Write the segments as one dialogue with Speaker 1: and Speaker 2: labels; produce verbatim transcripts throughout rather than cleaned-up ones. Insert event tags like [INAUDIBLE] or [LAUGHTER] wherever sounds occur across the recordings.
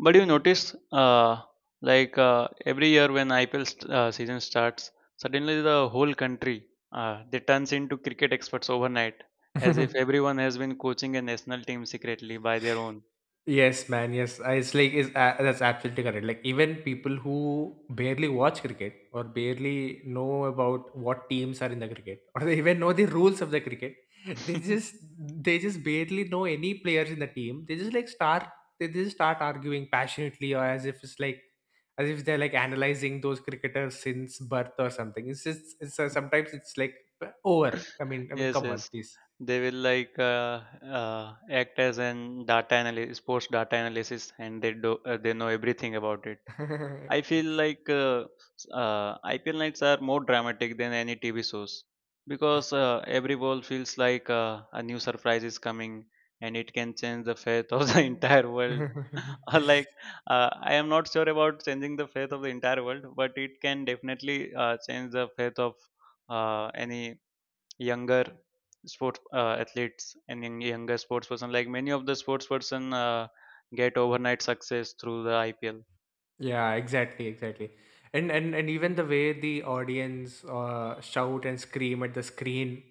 Speaker 1: But you notice, uh, like uh, every year when I P L st- uh, season starts, suddenly the whole country uh, they turns into cricket experts overnight, as if
Speaker 2: [LAUGHS]
Speaker 1: everyone has been coaching a national team secretly by their own.
Speaker 2: Yes, man, yes, I- it's like is uh, that's absolutely correct. Like, even people who barely watch cricket or barely know about what teams are in the cricket, [LAUGHS] or they even know the rules of the cricket. they just
Speaker 1: [LAUGHS]
Speaker 2: they just barely know any players in the team. They just like start they just start arguing passionately, or as if it's like as if they're like analyzing those cricketers since birth or something. It's just it's uh, Sometimes it's like over. I mean i mean
Speaker 1: Yes,
Speaker 2: come on,
Speaker 1: yes,
Speaker 2: please.
Speaker 1: they will like uh, uh, act as an data analysis, sports data analysis, and they do uh, they know everything about it. I feel like uh, uh, I P L nights are more dramatic than any T V shows because uh, every ball feels like uh, a new surprise is coming and it can change the fate of the [LAUGHS] entire world. [LAUGHS] Or
Speaker 2: [LAUGHS]
Speaker 1: like uh, I am not sure about changing the fate of the entire world, but it can definitely uh, change the fate of uh, any younger sports uh, athletes and young- younger sports person. Like many of the sports person uh, get overnight success through the I P L.
Speaker 2: Yeah, exactly, exactly. And and and even the way the audience uh, shout and scream at the screen,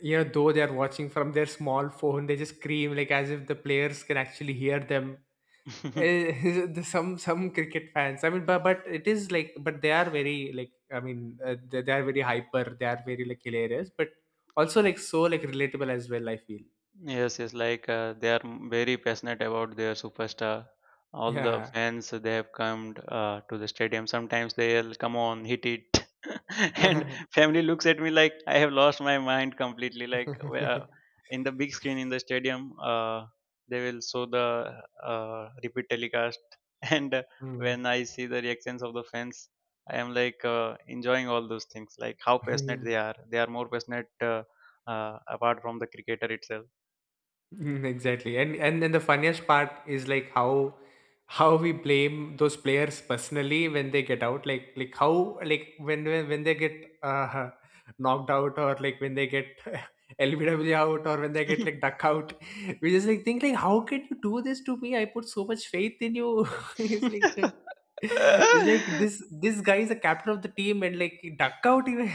Speaker 2: you know, though they are watching from their small phone, they just scream like as if the players can actually hear them.
Speaker 1: [LAUGHS]
Speaker 2: Eh, [LAUGHS] the- some some cricket fans, I mean, but but it is like, but they are very like, I mean, uh, they, they are very hyper. They are very, like, hilarious, but also, like, so, like, relatable as well. I feel.
Speaker 1: Yes, yes, like uh, they are m- very passionate about their superstar. All the
Speaker 2: Yeah.
Speaker 1: fans they have come uh, to the stadium. Sometimes they'll come on, hit it, [LAUGHS] and family looks at me like I have lost my mind completely. Like w- uh,
Speaker 2: [LAUGHS]
Speaker 1: in the big screen in the stadium, uh, they will show the uh, repeat telecast, [LAUGHS] and uh,
Speaker 2: Mm.
Speaker 1: when I see the reactions of the fans, I am like uh, enjoying all those things. Like how passionate they
Speaker 2: [LAUGHS]
Speaker 1: are. They are more passionate uh, uh, apart from the cricketer itself.
Speaker 2: Mm. Exactly. And and then the funniest part is, like, how how we blame those players personally when they get out. Like like, how, like, when when, when they get uh, [LAUGHS] knocked out, or like when they get [LAUGHS] L B W out, or when they get,
Speaker 1: [LAUGHS]
Speaker 2: like, duck out. [LAUGHS] We just, like, think, like, how can you do this to me? I put so much faith in you. [LAUGHS] It's like, [LAUGHS] it's like this this guy is the captain of the team, and like duck out even.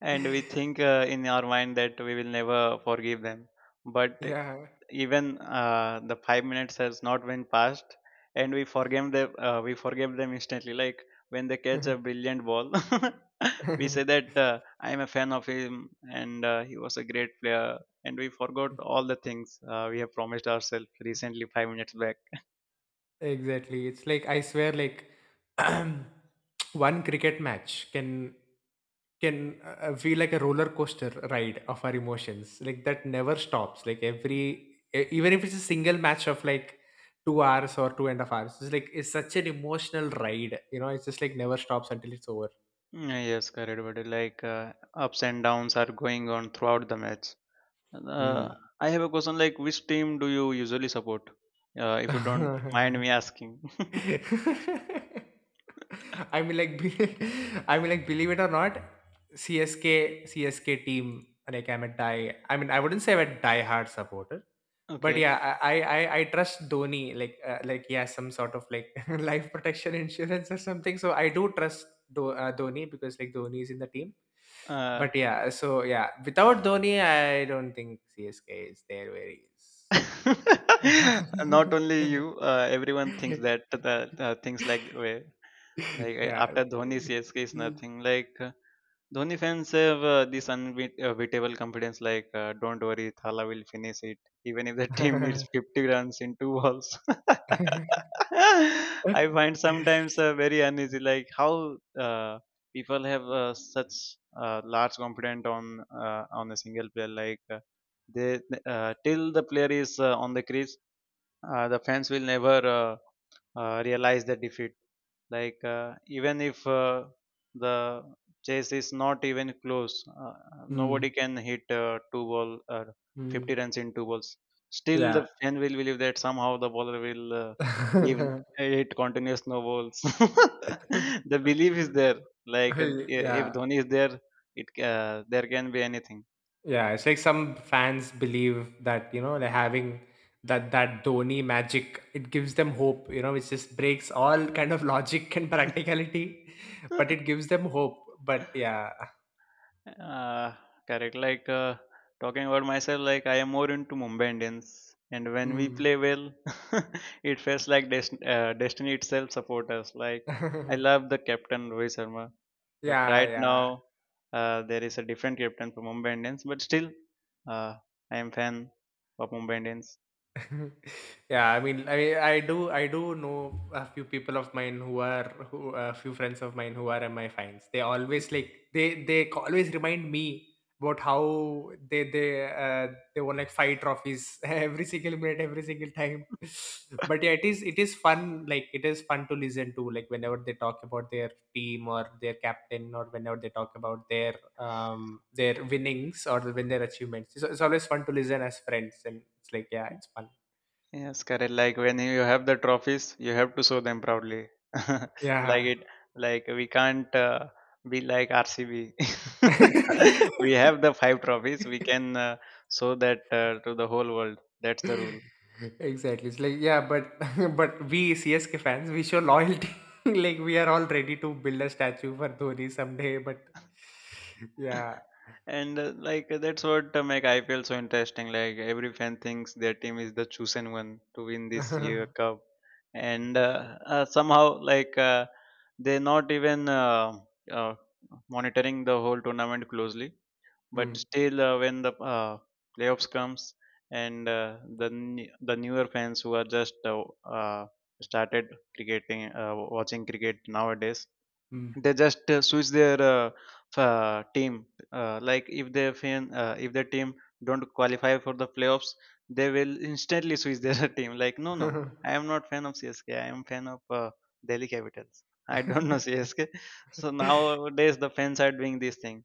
Speaker 1: And we
Speaker 2: [LAUGHS]
Speaker 1: think uh, in our mind that we will never forgive them, but
Speaker 2: Yeah.
Speaker 1: even uh, the five minutes has not been passed, and we forgave them uh, we forgave them instantly, like when they catch a brilliant ball. [LAUGHS] We say
Speaker 2: [LAUGHS]
Speaker 1: that uh, I am a fan of him, and uh, he was a great player, and we forgot all the things uh, we have promised ourselves recently five minutes.
Speaker 2: Exactly. It's like, I swear, like, [CLEARS THROAT] one cricket match can can uh, uh, feel like a roller coaster ride of our emotions. Like, that never stops. Like, every e- even if it's a single match of like two hours or two and a half hours, it's like it's such an emotional ride. You know, it's just like never stops until it's over.
Speaker 1: Mm, yes, correct, but like uh, ups and downs are going on throughout the match. Uh,
Speaker 2: Mm.
Speaker 1: I have a question, like which team do you usually support? Uh, if you don't mind me asking. [LAUGHS]
Speaker 2: [LAUGHS] [LAUGHS] I mean, like, be- [LAUGHS] I mean, like, believe it or not, C S K, C S K team. Like, I'm a die. I mean, I wouldn't say I'm a die-hard supporter, but
Speaker 1: Okay.
Speaker 2: yeah, I, I, I I trust Dhoni. Like, uh, like, yeah, some sort of like [LAUGHS] life protection insurance or something. So I do trust Do, uh, Dhoni, because like Dhoni is in the team.
Speaker 1: Uh,
Speaker 2: But yeah, so yeah, without Dhoni, I don't think C S K is there where he
Speaker 1: [LAUGHS] Not only you, uh, everyone thinks that the uh, things
Speaker 2: is. [LAUGHS]
Speaker 1: like way. Like
Speaker 2: [LAUGHS]
Speaker 1: uh,
Speaker 2: Yeah.
Speaker 1: after Dhoni, C S K is
Speaker 2: Mm.
Speaker 1: nothing. Like uh, Dhoni fans have uh, this unbeatable confidence. Like uh, don't worry, Thala will finish it, even if the [LAUGHS] team needs
Speaker 2: [LAUGHS]
Speaker 1: fifty runs in two balls. [LAUGHS] I find sometimes uh, very uneasy. Like how uh, people have uh, such uh, large confidence on uh, on a single player. Like uh, they uh, till the player is uh, on the crease, uh, the fans will never uh, uh, realize the defeat, like uh, even if uh, the chase is not even close, uh, nobody
Speaker 2: Mm,
Speaker 1: can hit uh, two ball or fifty
Speaker 2: mm.
Speaker 1: runs in two balls. Still
Speaker 2: Yeah.
Speaker 1: the fan will believe that somehow the bowler will uh, give
Speaker 2: [LAUGHS]
Speaker 1: it continuous no balls. [LAUGHS] The belief is there, like uh, if
Speaker 2: Yeah,
Speaker 1: Dhoni is there, it uh, there can be anything.
Speaker 2: yeah. It's like some fans believe that, you know, they're having that that Dhoni magic. It gives them hope, you know. It just breaks all kind of [LAUGHS] logic and practicality, [LAUGHS] but it
Speaker 1: [LAUGHS]
Speaker 2: gives them hope. But yeah.
Speaker 1: Uh, Correct. Like uh, talking about myself, like I am more into Mumbai Indians, and when we
Speaker 2: Mm.
Speaker 1: play well, [LAUGHS] it feels like dest- uh, destiny itself support us. Like I
Speaker 2: [LAUGHS]
Speaker 1: love the captain Rohit Sharma, but
Speaker 2: Yeah,
Speaker 1: right
Speaker 2: yeah.
Speaker 1: now uh, there is a different captain for Mumbai Indians. But still, uh, I am fan of Mumbai Indians.
Speaker 2: [LAUGHS] Yeah. I mean i mean, i do i do know a few people of mine who are who a few friends of mine who are mi-fans. They always, like, they they c- always remind me about how they they uh, they won, like, five trophies [LAUGHS] every single minute, every single time. [LAUGHS] But yeah, it is, it is fun. Like, it is fun to listen to, like, whenever they talk about their team or their captain, or whenever they talk about their um their winnings or when their achievements, it's, it's always fun to listen as friends, and it's like, yeah, it's fun.
Speaker 1: Yes, correct. Like when you have the trophies, you have to show them proudly. [LAUGHS] Like
Speaker 2: Yeah.
Speaker 1: it, like we can't uh, be like R C B.
Speaker 2: [LAUGHS]
Speaker 1: [LAUGHS] We have the five trophies. We can uh, show that uh, to the whole world. That's the rule.
Speaker 2: Exactly, it's like, yeah, but [LAUGHS] but we csk fans we show loyalty. [LAUGHS] Like, we are all ready to build a statue for Dhoni someday, but
Speaker 1: [LAUGHS]
Speaker 2: yeah.
Speaker 1: And uh, like uh, that's what uh, make I P L so interesting. Like every fan thinks their team is the chosen one to win this year
Speaker 2: [LAUGHS]
Speaker 1: cup, and uh, uh, somehow like uh, they're not even uh, uh, monitoring the whole tournament closely, but
Speaker 2: 嗯
Speaker 1: still uh, when the uh, playoffs comes, and uh, the n- the newer fans who are just uh, uh, started cricketing uh, watching cricket nowadays,
Speaker 2: 嗯。
Speaker 1: they just uh, switch their uh, f- uh, team, uh, like if their fan uh, if their team don't qualify for the playoffs, they will instantly switch their [LAUGHS] team, like no, no, I am
Speaker 2: [LAUGHS]
Speaker 1: not fan of CSK, I am fan of uh, Delhi Capitals, I don't know [LAUGHS] CSK. So nowadays the fans are doing this thing,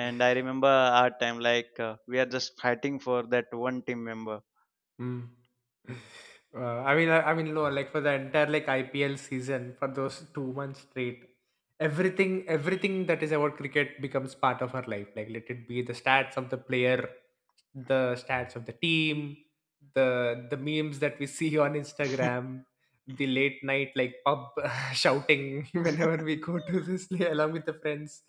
Speaker 1: and I remember our time, like uh, we are just fighting for that one team member.
Speaker 2: Mm. [SIGHS] Uh, I mean, I, I mean, no, like, for the entire, like, I P L season, for those two months straight, everything, everything that is about cricket becomes part of our life. Like, let it be the stats of the player, the stats of the team, the the memes that we [LAUGHS] see on
Speaker 1: [LAUGHS]
Speaker 2: Instagram, the late night, like, pub [LAUGHS] shouting [LAUGHS] whenever we go to this [LAUGHS] play along with the friends.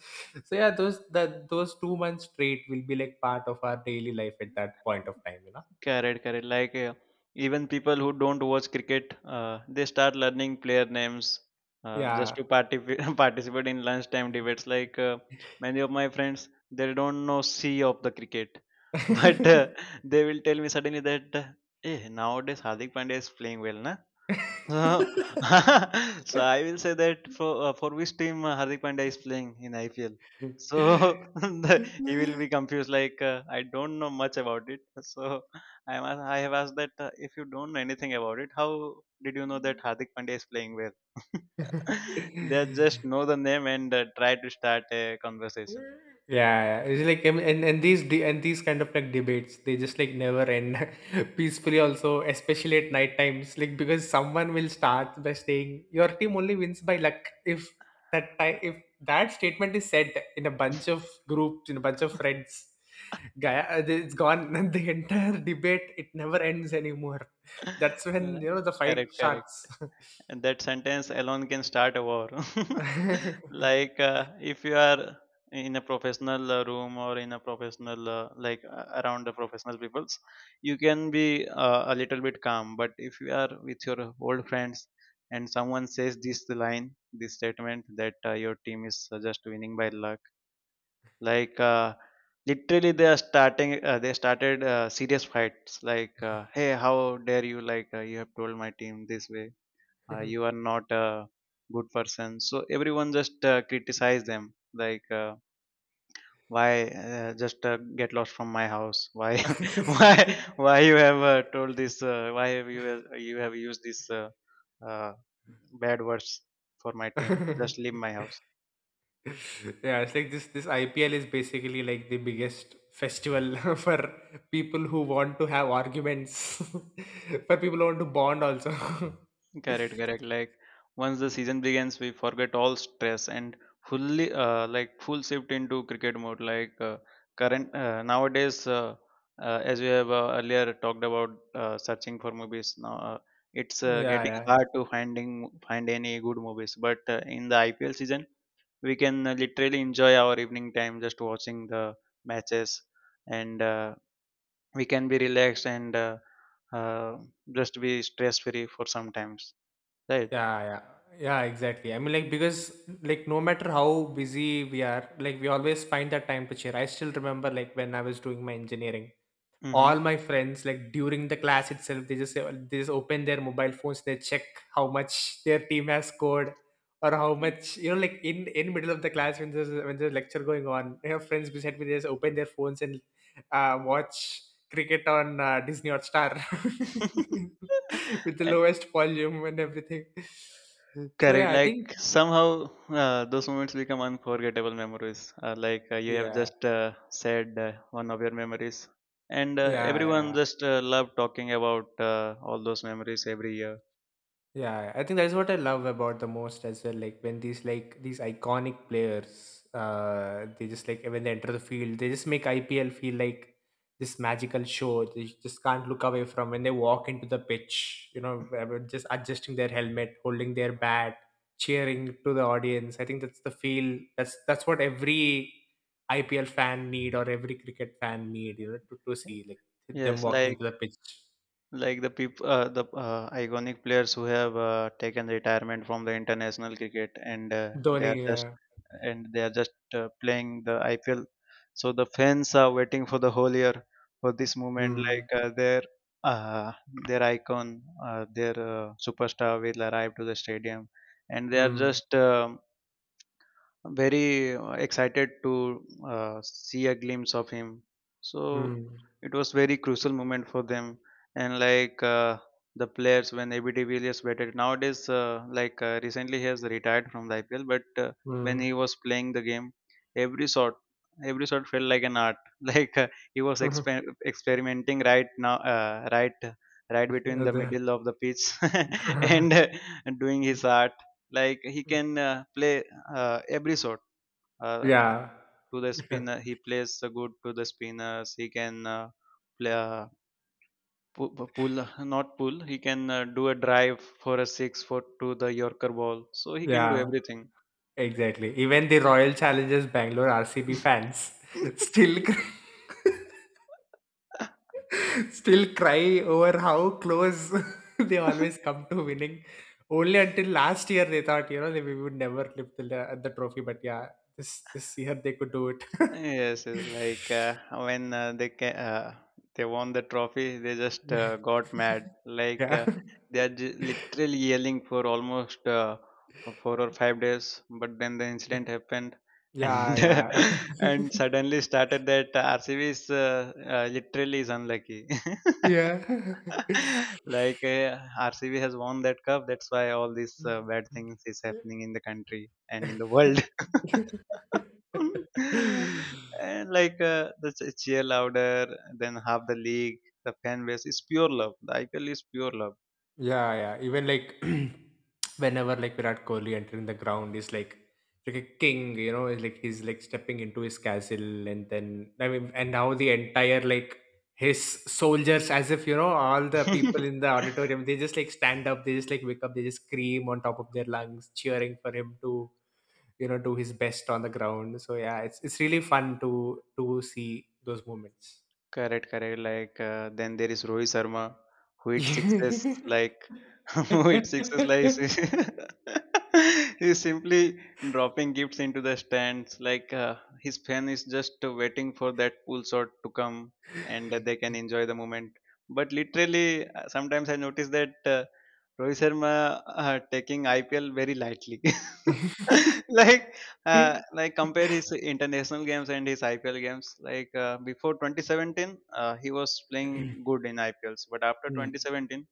Speaker 2: So yeah, those that those two months straight will be like part of our daily life at that point of time, you know.
Speaker 1: Correct, correct. Like uh, even people who don't watch cricket, uh, they start learning player names uh, just
Speaker 2: Yeah,
Speaker 1: to participate [LAUGHS] participate in lunchtime debates. Like uh, many of my friends, they don't know C of the cricket, [LAUGHS] but uh,
Speaker 2: 嗯。
Speaker 1: they will tell me suddenly that, eh, nowadays Hardik Pandya is playing well, na? Uh, [LAUGHS] So I will say that for uh, for which team uh, Hardik Pandya is playing in I P L. So [LAUGHS] the- he will be confused. Like uh, I don't know much about it. So I am ask- I have asked that, uh, if you don't know anything about it, how did you know that Hardik Pandya is playing well? [LAUGHS] They just know the name and uh, try to start a conversation.
Speaker 2: Yeah, yeah. It's like, um, and and these de- and these kind of, like, debates, they just, like, never end [LAUGHS] peacefully also, especially at night times. Like, because someone will start by saying your team only wins by luck. if that time if that statement is said in a bunch of groups, in a bunch of friends,
Speaker 1: [LAUGHS]
Speaker 2: guy, uh, it's gone. [LAUGHS] The entire debate, it never ends anymore. That's when you know the fight
Speaker 1: Correct, correct.
Speaker 2: starts.
Speaker 1: And that sentence alone can start a war. [LAUGHS] Like uh, if you are in a professional uh, room or in a professional uh, like uh, around the professional peoples, you can be uh, a little bit calm, but if you are with your old friends and someone says this line, this statement that uh, your team is uh, just winning by luck, like uh, literally they are starting uh, they started uh, serious fights, like uh, hey, how dare you, like uh, you have told my team this way, uh, you are not a good person. So everyone just uh, criticize them, like uh, why uh, just uh, get lost from my house, why, [LAUGHS] why why you have uh, told this, uh, why have you uh, you have used this uh, uh, bad words for my team, just leave
Speaker 2: [LAUGHS]
Speaker 1: my
Speaker 2: [LAUGHS]
Speaker 1: house.
Speaker 2: [LAUGHS] Yeah, it's like this this I P L is basically like the biggest festival [LAUGHS] for people who want to have arguments, [LAUGHS] for people who want to bond also.
Speaker 1: Correct,
Speaker 2: [LAUGHS]
Speaker 1: correct. Like once the season begins, we forget all stress and fully, uh, like full shift into cricket mode. Like uh, current uh, nowadays, uh, uh, as we have uh, earlier talked about uh, searching for movies. Now uh, it's uh,
Speaker 2: Yeah,
Speaker 1: getting
Speaker 2: yeah,
Speaker 1: hard to finding find any good movies. But uh, in the I P L season, we can uh, literally enjoy our evening time just watching the matches, and uh, we can be relaxed and uh, uh, just be stress free for some times. Right.
Speaker 2: yeah, yeah, yeah, exactly. I mean, like, because, like, no matter how busy we are, like, we always find that time to cheer. I still remember, like, when I was doing my engineering, all
Speaker 1: Mhm.
Speaker 2: my friends, like during the class itself, they just they just open their mobile phones, they check how much their team has scored, or how much, you know, like in in middle of the class, when there's when there's lecture going on, I have friends beside me, they just open their phones and uh, watch cricket on uh, Disney or Star, [LAUGHS] with the
Speaker 1: Eh, [LAUGHS]
Speaker 2: lowest volume and everything. So
Speaker 1: correct.
Speaker 2: yeah, I
Speaker 1: Like
Speaker 2: think.
Speaker 1: somehow uh, those moments become unforgettable memories. Uh, like uh, you have
Speaker 2: Yeah,
Speaker 1: just uh, said uh, one of your memories, and uh,
Speaker 2: yeah,
Speaker 1: everyone
Speaker 2: yeah.
Speaker 1: just uh, love talking about uh, all those memories every year.
Speaker 2: Yeah, I think that's what I love about the most as well. Like, when these like these iconic players, uh, they just, like, when they enter the field, they just make I P L feel like this magical show. They just can't look away from when they walk into the pitch. You know, uh, just adjusting their helmet, holding their bat, cheering to the audience. I think that's the feel. That's that's what every I P L fan need, or every cricket fan need. You know, to, to see, like, them
Speaker 1: Yes,
Speaker 2: walking
Speaker 1: like
Speaker 2: into the pitch.
Speaker 1: Like the people, uh, the uh, iconic players who have uh, taken retirement from the international cricket, and uh, they
Speaker 2: Dhoni,
Speaker 1: are just
Speaker 2: yeah.
Speaker 1: and they are just uh, playing the I P L. So the fans are waiting for the whole year for this moment.
Speaker 2: Mm,
Speaker 1: Like uh, their uh, their icon, uh, their uh, superstar will arrive to the stadium, and they are
Speaker 2: mm.
Speaker 1: just um, very uh, excited to uh, see a glimpse of him, so
Speaker 2: Mm,
Speaker 1: it was very crucial moment for them. And like uh, the players, when ABD Villiers batted nowadays, uh, like uh, recently he has retired from the IPL, but uh, when
Speaker 2: mm.
Speaker 1: he was playing the game, every shot, every shot felt like an art. [LAUGHS] Like uh, he was
Speaker 2: [LAUGHS]
Speaker 1: exper- experimenting right now, uh, right right between the
Speaker 2: The-
Speaker 1: middle of the pitch, [LAUGHS] and
Speaker 2: [LAUGHS]
Speaker 1: uh, doing his art. Like he can uh, play uh, every sort, uh,
Speaker 2: Yeah.
Speaker 1: to the spinner
Speaker 2: [LAUGHS]
Speaker 1: he plays the good, to the spinners he can uh, play uh, pu- pu- pull, not pull, he can uh, do a drive for a six for to the yorker ball, so he can do
Speaker 2: Yeah,
Speaker 1: everything.
Speaker 2: exactly. Even the Royal Challengers Bangalore, R C B fans, [LAUGHS] still cr- [LAUGHS] still cry over how close [LAUGHS] they always
Speaker 1: [LAUGHS]
Speaker 2: come to winning. Only until last year they thought, you know, they we would never lift the le- the trophy, but yeah, this this year they could do it. [LAUGHS]
Speaker 1: Yes, it's like uh, when uh, they ca- uh, they won the trophy, they just uh, got mad. Like
Speaker 2: Yeah.
Speaker 1: uh,
Speaker 2: [LAUGHS]
Speaker 1: they are j- literally yelling for almost uh, four or five days, but then the incident happened,
Speaker 2: Yeah,
Speaker 1: and [LAUGHS]
Speaker 2: yeah.
Speaker 1: and suddenly started that R C B is uh, uh, literally is unlucky. [LAUGHS]
Speaker 2: [LAUGHS] Yeah.
Speaker 1: [LAUGHS] Like uh, R C B has won that cup. That's why all these uh, bad things is happening in the country and in the world. [LAUGHS]
Speaker 2: [LAUGHS] [LAUGHS]
Speaker 1: And like uh, the ch- cheer louder than half the league. The fan base is pure love. The I P L is pure
Speaker 2: Yeah, yeah, even like, [CLEARS THROAT] whenever, like, Virat Kohli entering the ground is like, like a king, you know. It's like he's like stepping into his castle. And then, I mean, and now the entire, like, his soldiers, as if, you know, all the
Speaker 1: love.
Speaker 2: people in the
Speaker 1: [LAUGHS]
Speaker 2: auditorium, they just like stand up, they just like wake up, they just scream on top of their lungs, cheering for him to, you know, do his best on the ground. So yeah, it's it's really fun to to see those moments.
Speaker 1: Correct, correct. Like uh, then there is Rohit Sharma, who hit sixes like [LAUGHS] who hit sixes like
Speaker 2: [LAUGHS]
Speaker 1: [LAUGHS] he's simply dropping gifts into the stands. Like uh, his fan is just waiting for that pull shot to come, and they can enjoy the moment. But literally, uh, sometimes I notice that uh, Rohit Sharma uh, taking I P L very lightly. [LAUGHS] like uh, like compare his international games and his I P L games. Like uh, before twenty seventeen, uh, he was playing good in I P Ls, but after
Speaker 2: Hmm.
Speaker 1: twenty seventeen,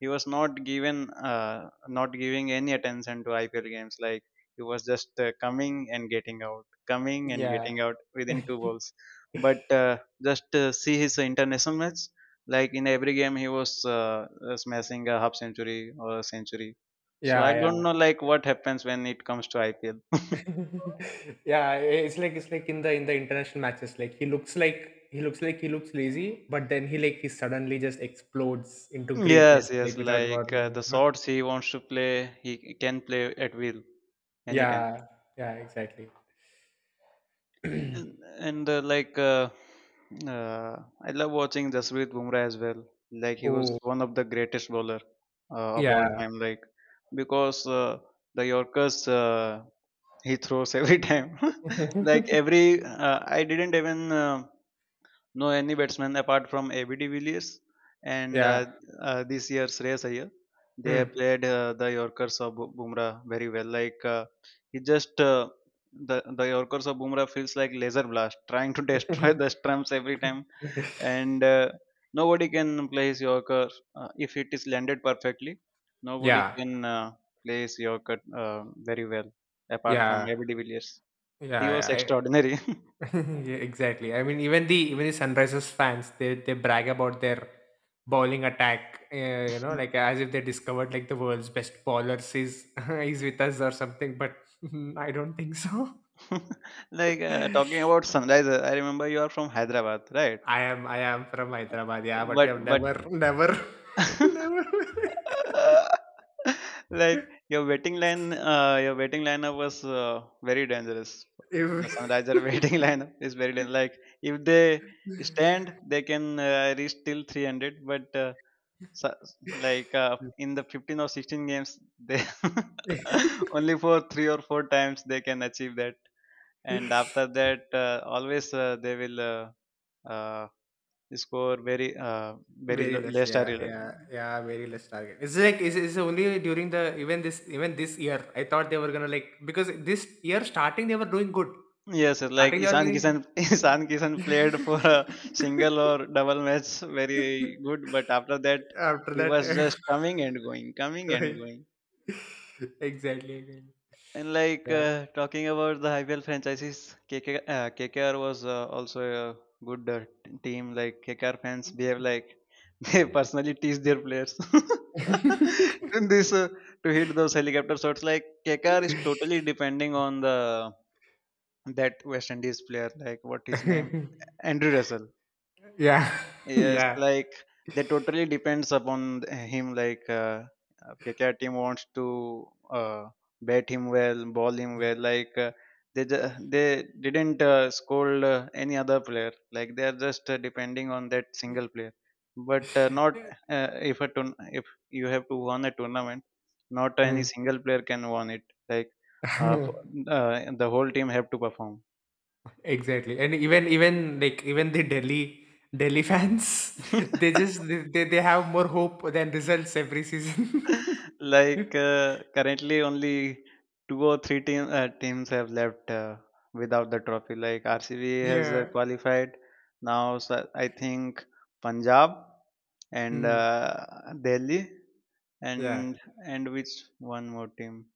Speaker 1: he was not given uh, not giving any attention to I P L games. Like he was just uh, coming and getting out, coming and
Speaker 2: Yeah.
Speaker 1: getting out within two balls. But uh, just uh, See his international match. Like in every game, he was uh, uh, smashing a half century or a century. So
Speaker 2: Yeah,
Speaker 1: I don't
Speaker 2: yeah.
Speaker 1: know like what happens when it comes to I P L. [LAUGHS]
Speaker 2: [LAUGHS] Yeah, it's like, it's like in the in the international matches, like, he looks like he looks like he looks lazy, but then he like he suddenly just explodes into greatness,
Speaker 1: Yes, yes,
Speaker 2: like without
Speaker 1: like
Speaker 2: warning,
Speaker 1: uh,
Speaker 2: you
Speaker 1: the
Speaker 2: know?
Speaker 1: sorts he wants to play, he can play at will anytime.
Speaker 2: Yeah, yeah, exactly.
Speaker 1: And
Speaker 2: [CLEARS THROAT]
Speaker 1: and uh, like uh, uh, I love watching Jasprit Bumrah as well. Like he was
Speaker 2: Oh,
Speaker 1: one of the greatest bowler uh, of all
Speaker 2: yeah.
Speaker 1: time. Like because uh, The Yorkers uh, he throws every [LAUGHS] time. [LAUGHS] like
Speaker 2: [LAUGHS]
Speaker 1: every uh, I didn't even. Uh, No any batsman apart from A B de Villiers and uh,
Speaker 2: Yeah.
Speaker 1: uh, this year Shreyas Iyer. They
Speaker 2: Hmm.
Speaker 1: have played uh, the Yorkers of Bu- Bumrah very well. Like uh, he just uh, the the Yorkers of Bumrah feels like laser blast, trying to [LAUGHS] destroy the stumps every time, and uh, nobody can play his Yorker uh, if it is landed perfectly. Nobody
Speaker 2: Yeah,
Speaker 1: can uh, play his Yorker uh, very well apart from
Speaker 2: yeah,
Speaker 1: A B de Villiers.
Speaker 2: yeah,
Speaker 1: He was
Speaker 2: yeah.
Speaker 1: extraordinary. [LAUGHS]
Speaker 2: [LAUGHS] Yeah, exactly. I mean, even the even the Sunrisers fans, they they brag about their bowling attack. Uh, you know, like, as if they discovered like the world's best bowlers is [LAUGHS] is with us or something. But [LAUGHS] I don't think so.
Speaker 1: [LAUGHS] Like uh, talking about sunrise, uh, I remember you are from Hyderabad, right?
Speaker 2: I am I am from Hyderabad, yeah, but we
Speaker 1: But
Speaker 2: have
Speaker 1: but
Speaker 2: never, never, [LAUGHS] never.
Speaker 1: [LAUGHS] like your waiting line, uh, your waiting lineup was uh, very dangerous. The sunriser [LAUGHS] waiting lineup is very dangerous. Like if they stand, they can uh, reach till three hundred, but uh, So, like uh, in the fifteen or sixteen games, they [LAUGHS]
Speaker 2: [LAUGHS]
Speaker 1: only for three or four times they can achieve that, and
Speaker 2: If. [LAUGHS]
Speaker 1: after that, uh, always uh, they will uh, uh, score very uh, very
Speaker 2: Very
Speaker 1: low,
Speaker 2: less,
Speaker 1: less or
Speaker 2: yeah, yeah, yeah, very less target. It's like, it's, it's only during the, even this even this year. I thought they were gonna, like, because this year starting they were doing good.
Speaker 1: yes, sir, like
Speaker 2: Starting they were
Speaker 1: Isan
Speaker 2: doing,
Speaker 1: Kishan, [LAUGHS] Isan Kishan played for a single or double match very
Speaker 2: [LAUGHS]
Speaker 1: good, but after that
Speaker 2: after
Speaker 1: he
Speaker 2: that
Speaker 1: was
Speaker 2: [LAUGHS]
Speaker 1: just coming and going, coming and
Speaker 2: going,
Speaker 1: going.
Speaker 2: exactly again.
Speaker 1: And like
Speaker 2: Yeah.
Speaker 1: uh, talking about the I P L franchises, K K, uh, K K R was uh, also a good uh, t- team. Like K K R fans behave like [LAUGHS] they personally tease their players. [LAUGHS] In this, uh, to hit those helicopter shots, like K K R is totally depending on the that West Indies player, like what his name, Andrew Russell.
Speaker 2: [LAUGHS] Yeah. [LAUGHS]
Speaker 1: Yes,
Speaker 2: Yeah.
Speaker 1: like they totally depends upon th- him. Like uh, okay, K K R team wants to uh, bat him well, ball him well. Like uh, they ju- they didn't uh, scold uh, any other player. Like they are just uh, depending on that single player. But uh, not uh, if a tourn if you have to win a tournament, not any
Speaker 2: Hmm.
Speaker 1: single player can win it. Like uh, f-
Speaker 2: [LAUGHS]
Speaker 1: uh, the whole team have to perform.
Speaker 2: Exactly. And even even like even the Delhi Delhi fans, [LAUGHS] they
Speaker 1: [LAUGHS]
Speaker 2: just they, they they have more hope than results every season. [LAUGHS]
Speaker 1: Like uh, currently, only two or three team, uh, teams have left uh, without the trophy. Like R C B has uh,
Speaker 2: Yeah.
Speaker 1: qualified now. So I think Punjab and
Speaker 2: Mm.
Speaker 1: uh, Delhi
Speaker 2: Yeah.
Speaker 1: and and which one more team?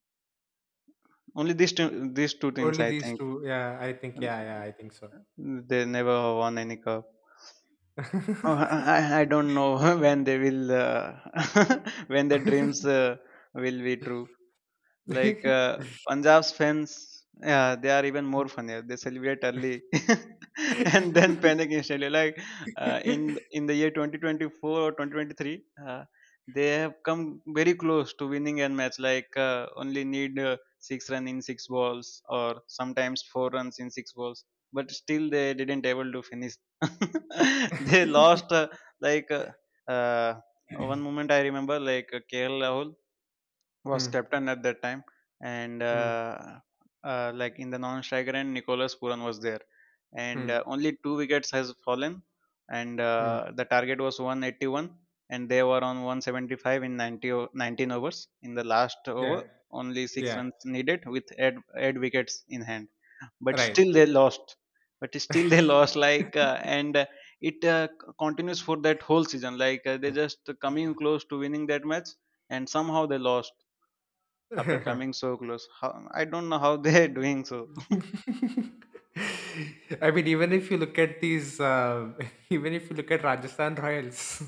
Speaker 1: Only these two, these two teams,
Speaker 2: Only
Speaker 1: I
Speaker 2: these
Speaker 1: think.
Speaker 2: two. Yeah, I think.
Speaker 1: Mm,
Speaker 2: Yeah, yeah, I think so.
Speaker 1: they never won any cup. Oh, I, I I don't know [LAUGHS] when they will uh, [LAUGHS] when their dreams uh, will be true. Like, uh,
Speaker 2: [LAUGHS]
Speaker 1: Punjab's fans, yeah, they are even more funnier. They celebrate early [LAUGHS] and then panic instantly. Like, uh, in in the year twenty twenty-four or twenty twenty-three, uh, they have come very close to winning a match. Like, uh, only need uh, six run in six balls, or sometimes four runs in six balls. But still, they didn't able to finish. [LAUGHS] they lost uh, like uh, uh, One moment. I remember like uh, K L Rahul was
Speaker 2: Hmm.
Speaker 1: captain at that time, and
Speaker 2: Hmm.
Speaker 1: uh, uh, like in the non-striker end, Nicolas Puran was there, and
Speaker 2: Hmm.
Speaker 1: uh, only two wickets has fallen, and
Speaker 2: Hmm.
Speaker 1: uh, the target was one hundred eighty-one, and they were on one hundred seventy-five in 90 o- nineteen overs. In the last
Speaker 2: Yeah.
Speaker 1: over, only six
Speaker 2: Yeah.
Speaker 1: runs needed with eight, eight wickets in hand, but
Speaker 2: Right.
Speaker 1: still they lost. But still they [LAUGHS] lost. like uh, and. Uh, it uh, c- Continues for that whole season, like uh, they just coming close to winning that match and somehow they lost after coming
Speaker 2: [LAUGHS]
Speaker 1: so close. How, I don't know how [LAUGHS] they're doing so. [LAUGHS]
Speaker 2: [LAUGHS] I mean, even if you look at these, uh, [LAUGHS] even if you look at Rajasthan Royals,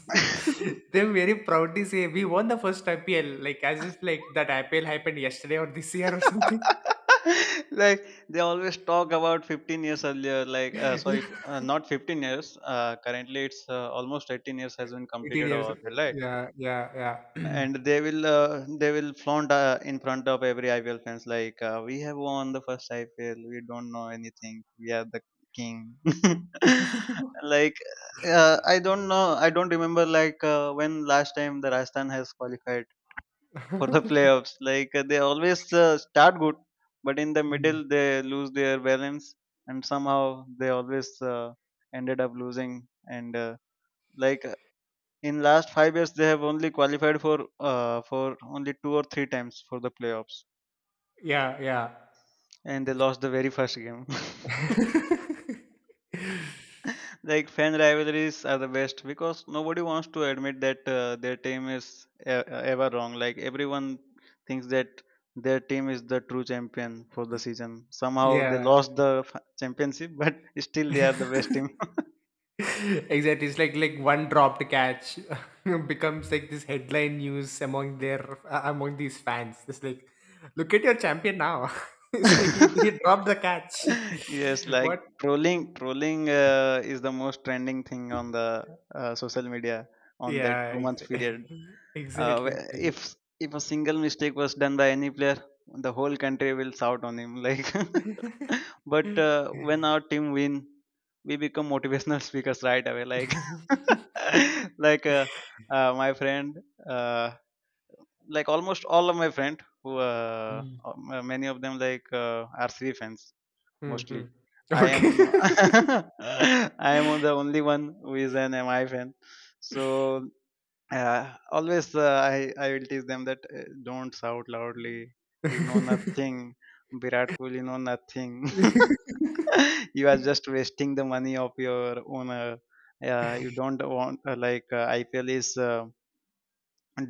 Speaker 2: [LAUGHS] they are very proudly say, we won the first I P L, like as if, like, that I P L happened yesterday or this year or something.
Speaker 1: like They always talk about fifteen years earlier, like uh,
Speaker 2: [LAUGHS]
Speaker 1: sorry f-
Speaker 2: Yeah,
Speaker 1: uh, not fifteen years, uh, currently it's uh, almost eighteen years has been
Speaker 2: eighteen
Speaker 1: completed
Speaker 2: years.
Speaker 1: over there, right?
Speaker 2: Yeah, yeah, yeah.
Speaker 1: And they will uh, they will flaunt uh, in front of every I P L fans. Like uh, we have won the first I P L. We don't know anything. We are the king. [LAUGHS] like uh, I don't know. I don't remember like uh, when last time the Rajasthan has qualified for the
Speaker 2: [CLEARS THROAT] [LAUGHS]
Speaker 1: playoffs. Like uh, they always uh, start good, but in the
Speaker 2: Mm.
Speaker 1: middle they lose their balance and somehow they always uh, ended up losing. And. Uh, like In last five years they have only qualified for uh, for only two or three times for the playoffs,
Speaker 2: Yeah, yeah.
Speaker 1: and they lost the very first game. [LAUGHS] Like fan rivalries are the best because nobody wants to admit that uh, their team is e- ever wrong, like everyone thinks that their team is the true champion for the season.
Speaker 2: [LAUGHS]
Speaker 1: Somehow they
Speaker 2: Yeah.
Speaker 1: lost the f- championship, [LAUGHS] but still they are
Speaker 2: [LAUGHS]
Speaker 1: the best team.
Speaker 2: [LAUGHS] Exactly, it's like, like one dropped catch [LAUGHS] becomes like this headline news among their, uh, among these fans. It's like, look at your champion now. [LAUGHS] It's like, he, he
Speaker 1: [LAUGHS]
Speaker 2: dropped the catch.
Speaker 1: Yes,
Speaker 2: [LAUGHS] What?
Speaker 1: like trolling, trolling uh, is the most trending thing on the uh, social media on that two
Speaker 2: Yeah,
Speaker 1: month period.
Speaker 2: exactly. [LAUGHS]
Speaker 1: Uh,
Speaker 2: Exactly,
Speaker 1: wh-
Speaker 2: exactly.
Speaker 1: if if a single mistake was done by any player, the whole country will shout on him. Like, [LAUGHS] but uh, when
Speaker 2: [LAUGHS]
Speaker 1: our team win, we become motivational [LAUGHS] speakers right away. Like, [LAUGHS] like uh, uh, my friend. Uh, like Almost all of my friend who uh,
Speaker 2: Mm,
Speaker 1: um, uh, many of them like uh, are R C B fans
Speaker 2: mm,
Speaker 1: mostly.
Speaker 2: mm.
Speaker 1: I
Speaker 2: Okay.
Speaker 1: am [LAUGHS]
Speaker 2: [LAUGHS]
Speaker 1: I am the only one who is an M I fan. So uh, always uh, I I will teach them that uh, don't shout loudly. You know nothing, Virat Kohli know nothing. [LAUGHS] you are just wasting the money of your owner. Uh, you don't want uh, like uh, I P L is. Uh,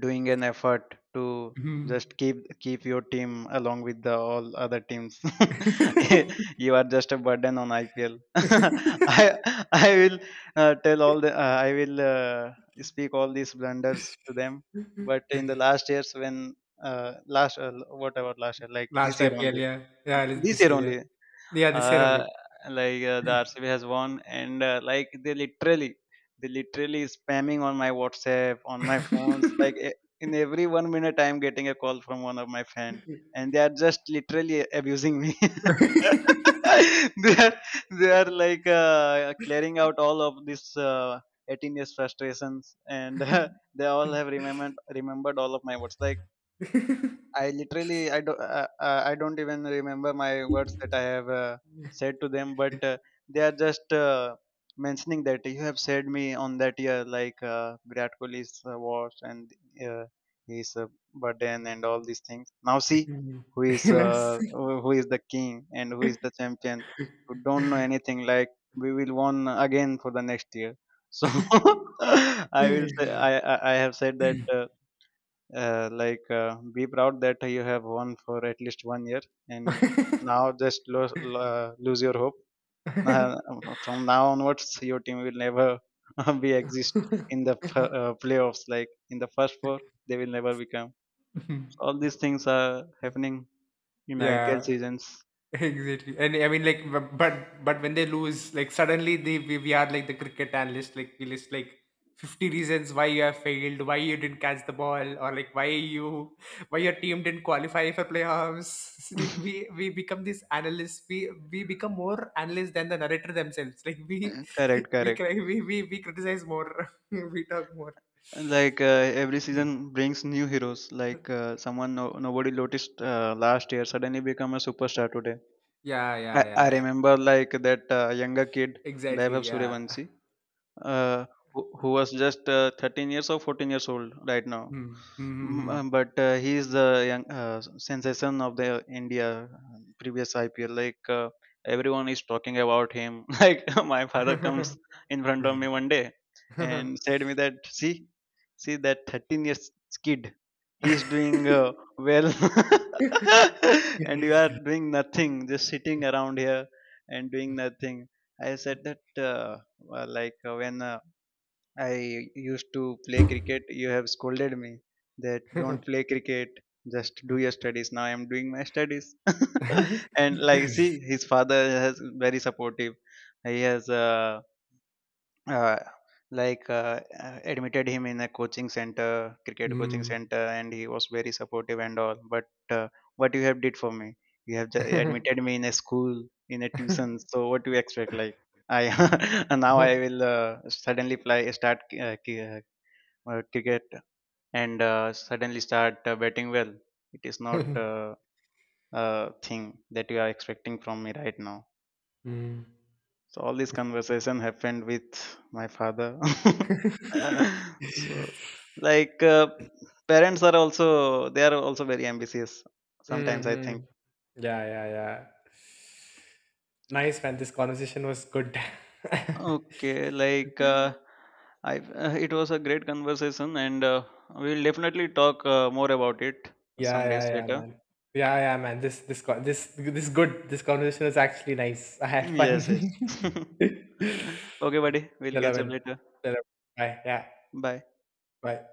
Speaker 1: doing an effort to
Speaker 2: Mm.
Speaker 1: just keep keep your team along with the all other teams. [LAUGHS]
Speaker 2: [LAUGHS]
Speaker 1: you are just a burden on IPL. [LAUGHS] i i will uh, tell all the uh, I will uh, speak all these blunders to them, but in the last years when uh, last uh, whatever last year like
Speaker 2: Last
Speaker 1: this year
Speaker 2: I P L,
Speaker 1: only
Speaker 2: yeah, yeah, it's
Speaker 1: this
Speaker 2: this
Speaker 1: year
Speaker 2: year, yeah.
Speaker 1: only
Speaker 2: Yeah, this year
Speaker 1: uh,
Speaker 2: only.
Speaker 1: like uh, the R C B has won, and uh, like they literally, they literally spamming on my WhatsApp, on my phones. Like e- in every one minute, I'm getting a call from one of my friend, and they are just literally abusing me.
Speaker 2: [LAUGHS]
Speaker 1: [LAUGHS] they are they are like uh, clearing out all of this uh, eighteen years frustrations, and [LAUGHS] they all have remembered remembered all of my words. Like, I literally I don't uh, uh, I don't even remember my words that I have uh, said to them, but uh, they are just uh, mentioning that you have said me on that year, like uh, Virat Kohli's uh, watch and uh, his uh, burden and all these things. Now see who is uh,
Speaker 2: Nurse.
Speaker 1: who who is the king and who is the champion. Who don't know anything. Like we will won again for the next year. So [LAUGHS] I will say I I I have said that. Uh, uh, like uh, be proud that you have won for at least one year, and now just lo- lo- uh, lose your hope. [LAUGHS]
Speaker 2: [LAUGHS]
Speaker 1: uh, from now onwards your team will never [LAUGHS] be exist in the p- uh, playoffs, like in the first four they will never become. So, all these things are happening in IPL
Speaker 2: Yeah.
Speaker 1: seasons.
Speaker 2: [LAUGHS] Exactly. And I mean, like, bu- but but when they lose, like, suddenly they we, we are like the cricket analyst, like we list, like, fifty reasons why you have failed, why you didn't catch the ball, or like why you, why your team didn't qualify for playoffs. [LAUGHS] Like,
Speaker 1: [LAUGHS]
Speaker 2: we we become these analysts, we we become more analysts than the narrator themselves. [LAUGHS] Like we
Speaker 1: Uh, correct,
Speaker 2: we
Speaker 1: correct,
Speaker 2: cry, we we we criticize more, [LAUGHS] we talk more.
Speaker 1: like uh, every season brings new heroes, like
Speaker 2: [LAUGHS]
Speaker 1: uh, someone no- nobody noticed uh, last year suddenly become a superstar today.
Speaker 2: Yeah, yeah,
Speaker 1: I, I
Speaker 2: yeah, yeah.
Speaker 1: remember like that uh, younger kid,
Speaker 2: Exactly.
Speaker 1: Vaibhav
Speaker 2: Yeah.
Speaker 1: Suryavanshi, uh, who, who was just uh, thirteen years or fourteen years old right now.
Speaker 2: Hmm. Hmm.
Speaker 1: Mm,
Speaker 2: Hmm,
Speaker 1: uh, But uh, he is the young, uh, sensation of the India uh, previous I P L. Like uh, everyone is talking about him. [LAUGHS] Like my father comes in front of me one day
Speaker 2: hmm.
Speaker 1: and said me that, see, see that thirteen years kid, he is doing uh,
Speaker 2: [LAUGHS]
Speaker 1: well, [LAUGHS] and you
Speaker 2: [LAUGHS]
Speaker 1: are doing nothing, just sitting around here and doing nothing. I said that, Uh, uh, like uh, when uh, I used to play cricket you have scolded me that don't play cricket, just do your studies. Now I am doing my studies, [LAUGHS] and like see, his father has very supportive. He has uh, uh, like uh, uh, admitted him in a coaching center, cricket coaching
Speaker 2: Mm.
Speaker 1: center, and he was very supportive and all, but uh, what you have did for me? You have ju- admitted me
Speaker 2: [LAUGHS]
Speaker 1: in a school, in a tuition. So what do you expect? Like I [LAUGHS] and now I will uh, suddenly play start uh, ki- uh, uh, cricket and uh, suddenly start uh, batting well. It is not uh, a thing that you are expecting from me right now.
Speaker 2: Mm.
Speaker 1: So all this conversation happened with my father.
Speaker 2: [LAUGHS]
Speaker 1: [LAUGHS] so like uh, parents are also, they are also very ambitious. Sometimes I think
Speaker 2: Mhm. Yeah, yeah, yeah. Nice, man. This conversation was good. [LAUGHS]
Speaker 1: okay, like uh, I uh, it was a great conversation, and uh, we'll definitely talk uh, more about it
Speaker 2: Yeah,
Speaker 1: some
Speaker 2: yeah,
Speaker 1: days
Speaker 2: yeah,
Speaker 1: later.
Speaker 2: man. Yeah, yeah, man. This, this, co- this, this good. This conversation was actually nice. [LAUGHS] I had
Speaker 1: Yes,
Speaker 2: fun.
Speaker 1: yes. [LAUGHS] okay, buddy.
Speaker 2: [LAUGHS]
Speaker 1: We'll
Speaker 2: Chalo,
Speaker 1: catch up
Speaker 2: man.
Speaker 1: later.
Speaker 2: Chalo. Bye. Yeah.
Speaker 1: Bye.
Speaker 2: Bye.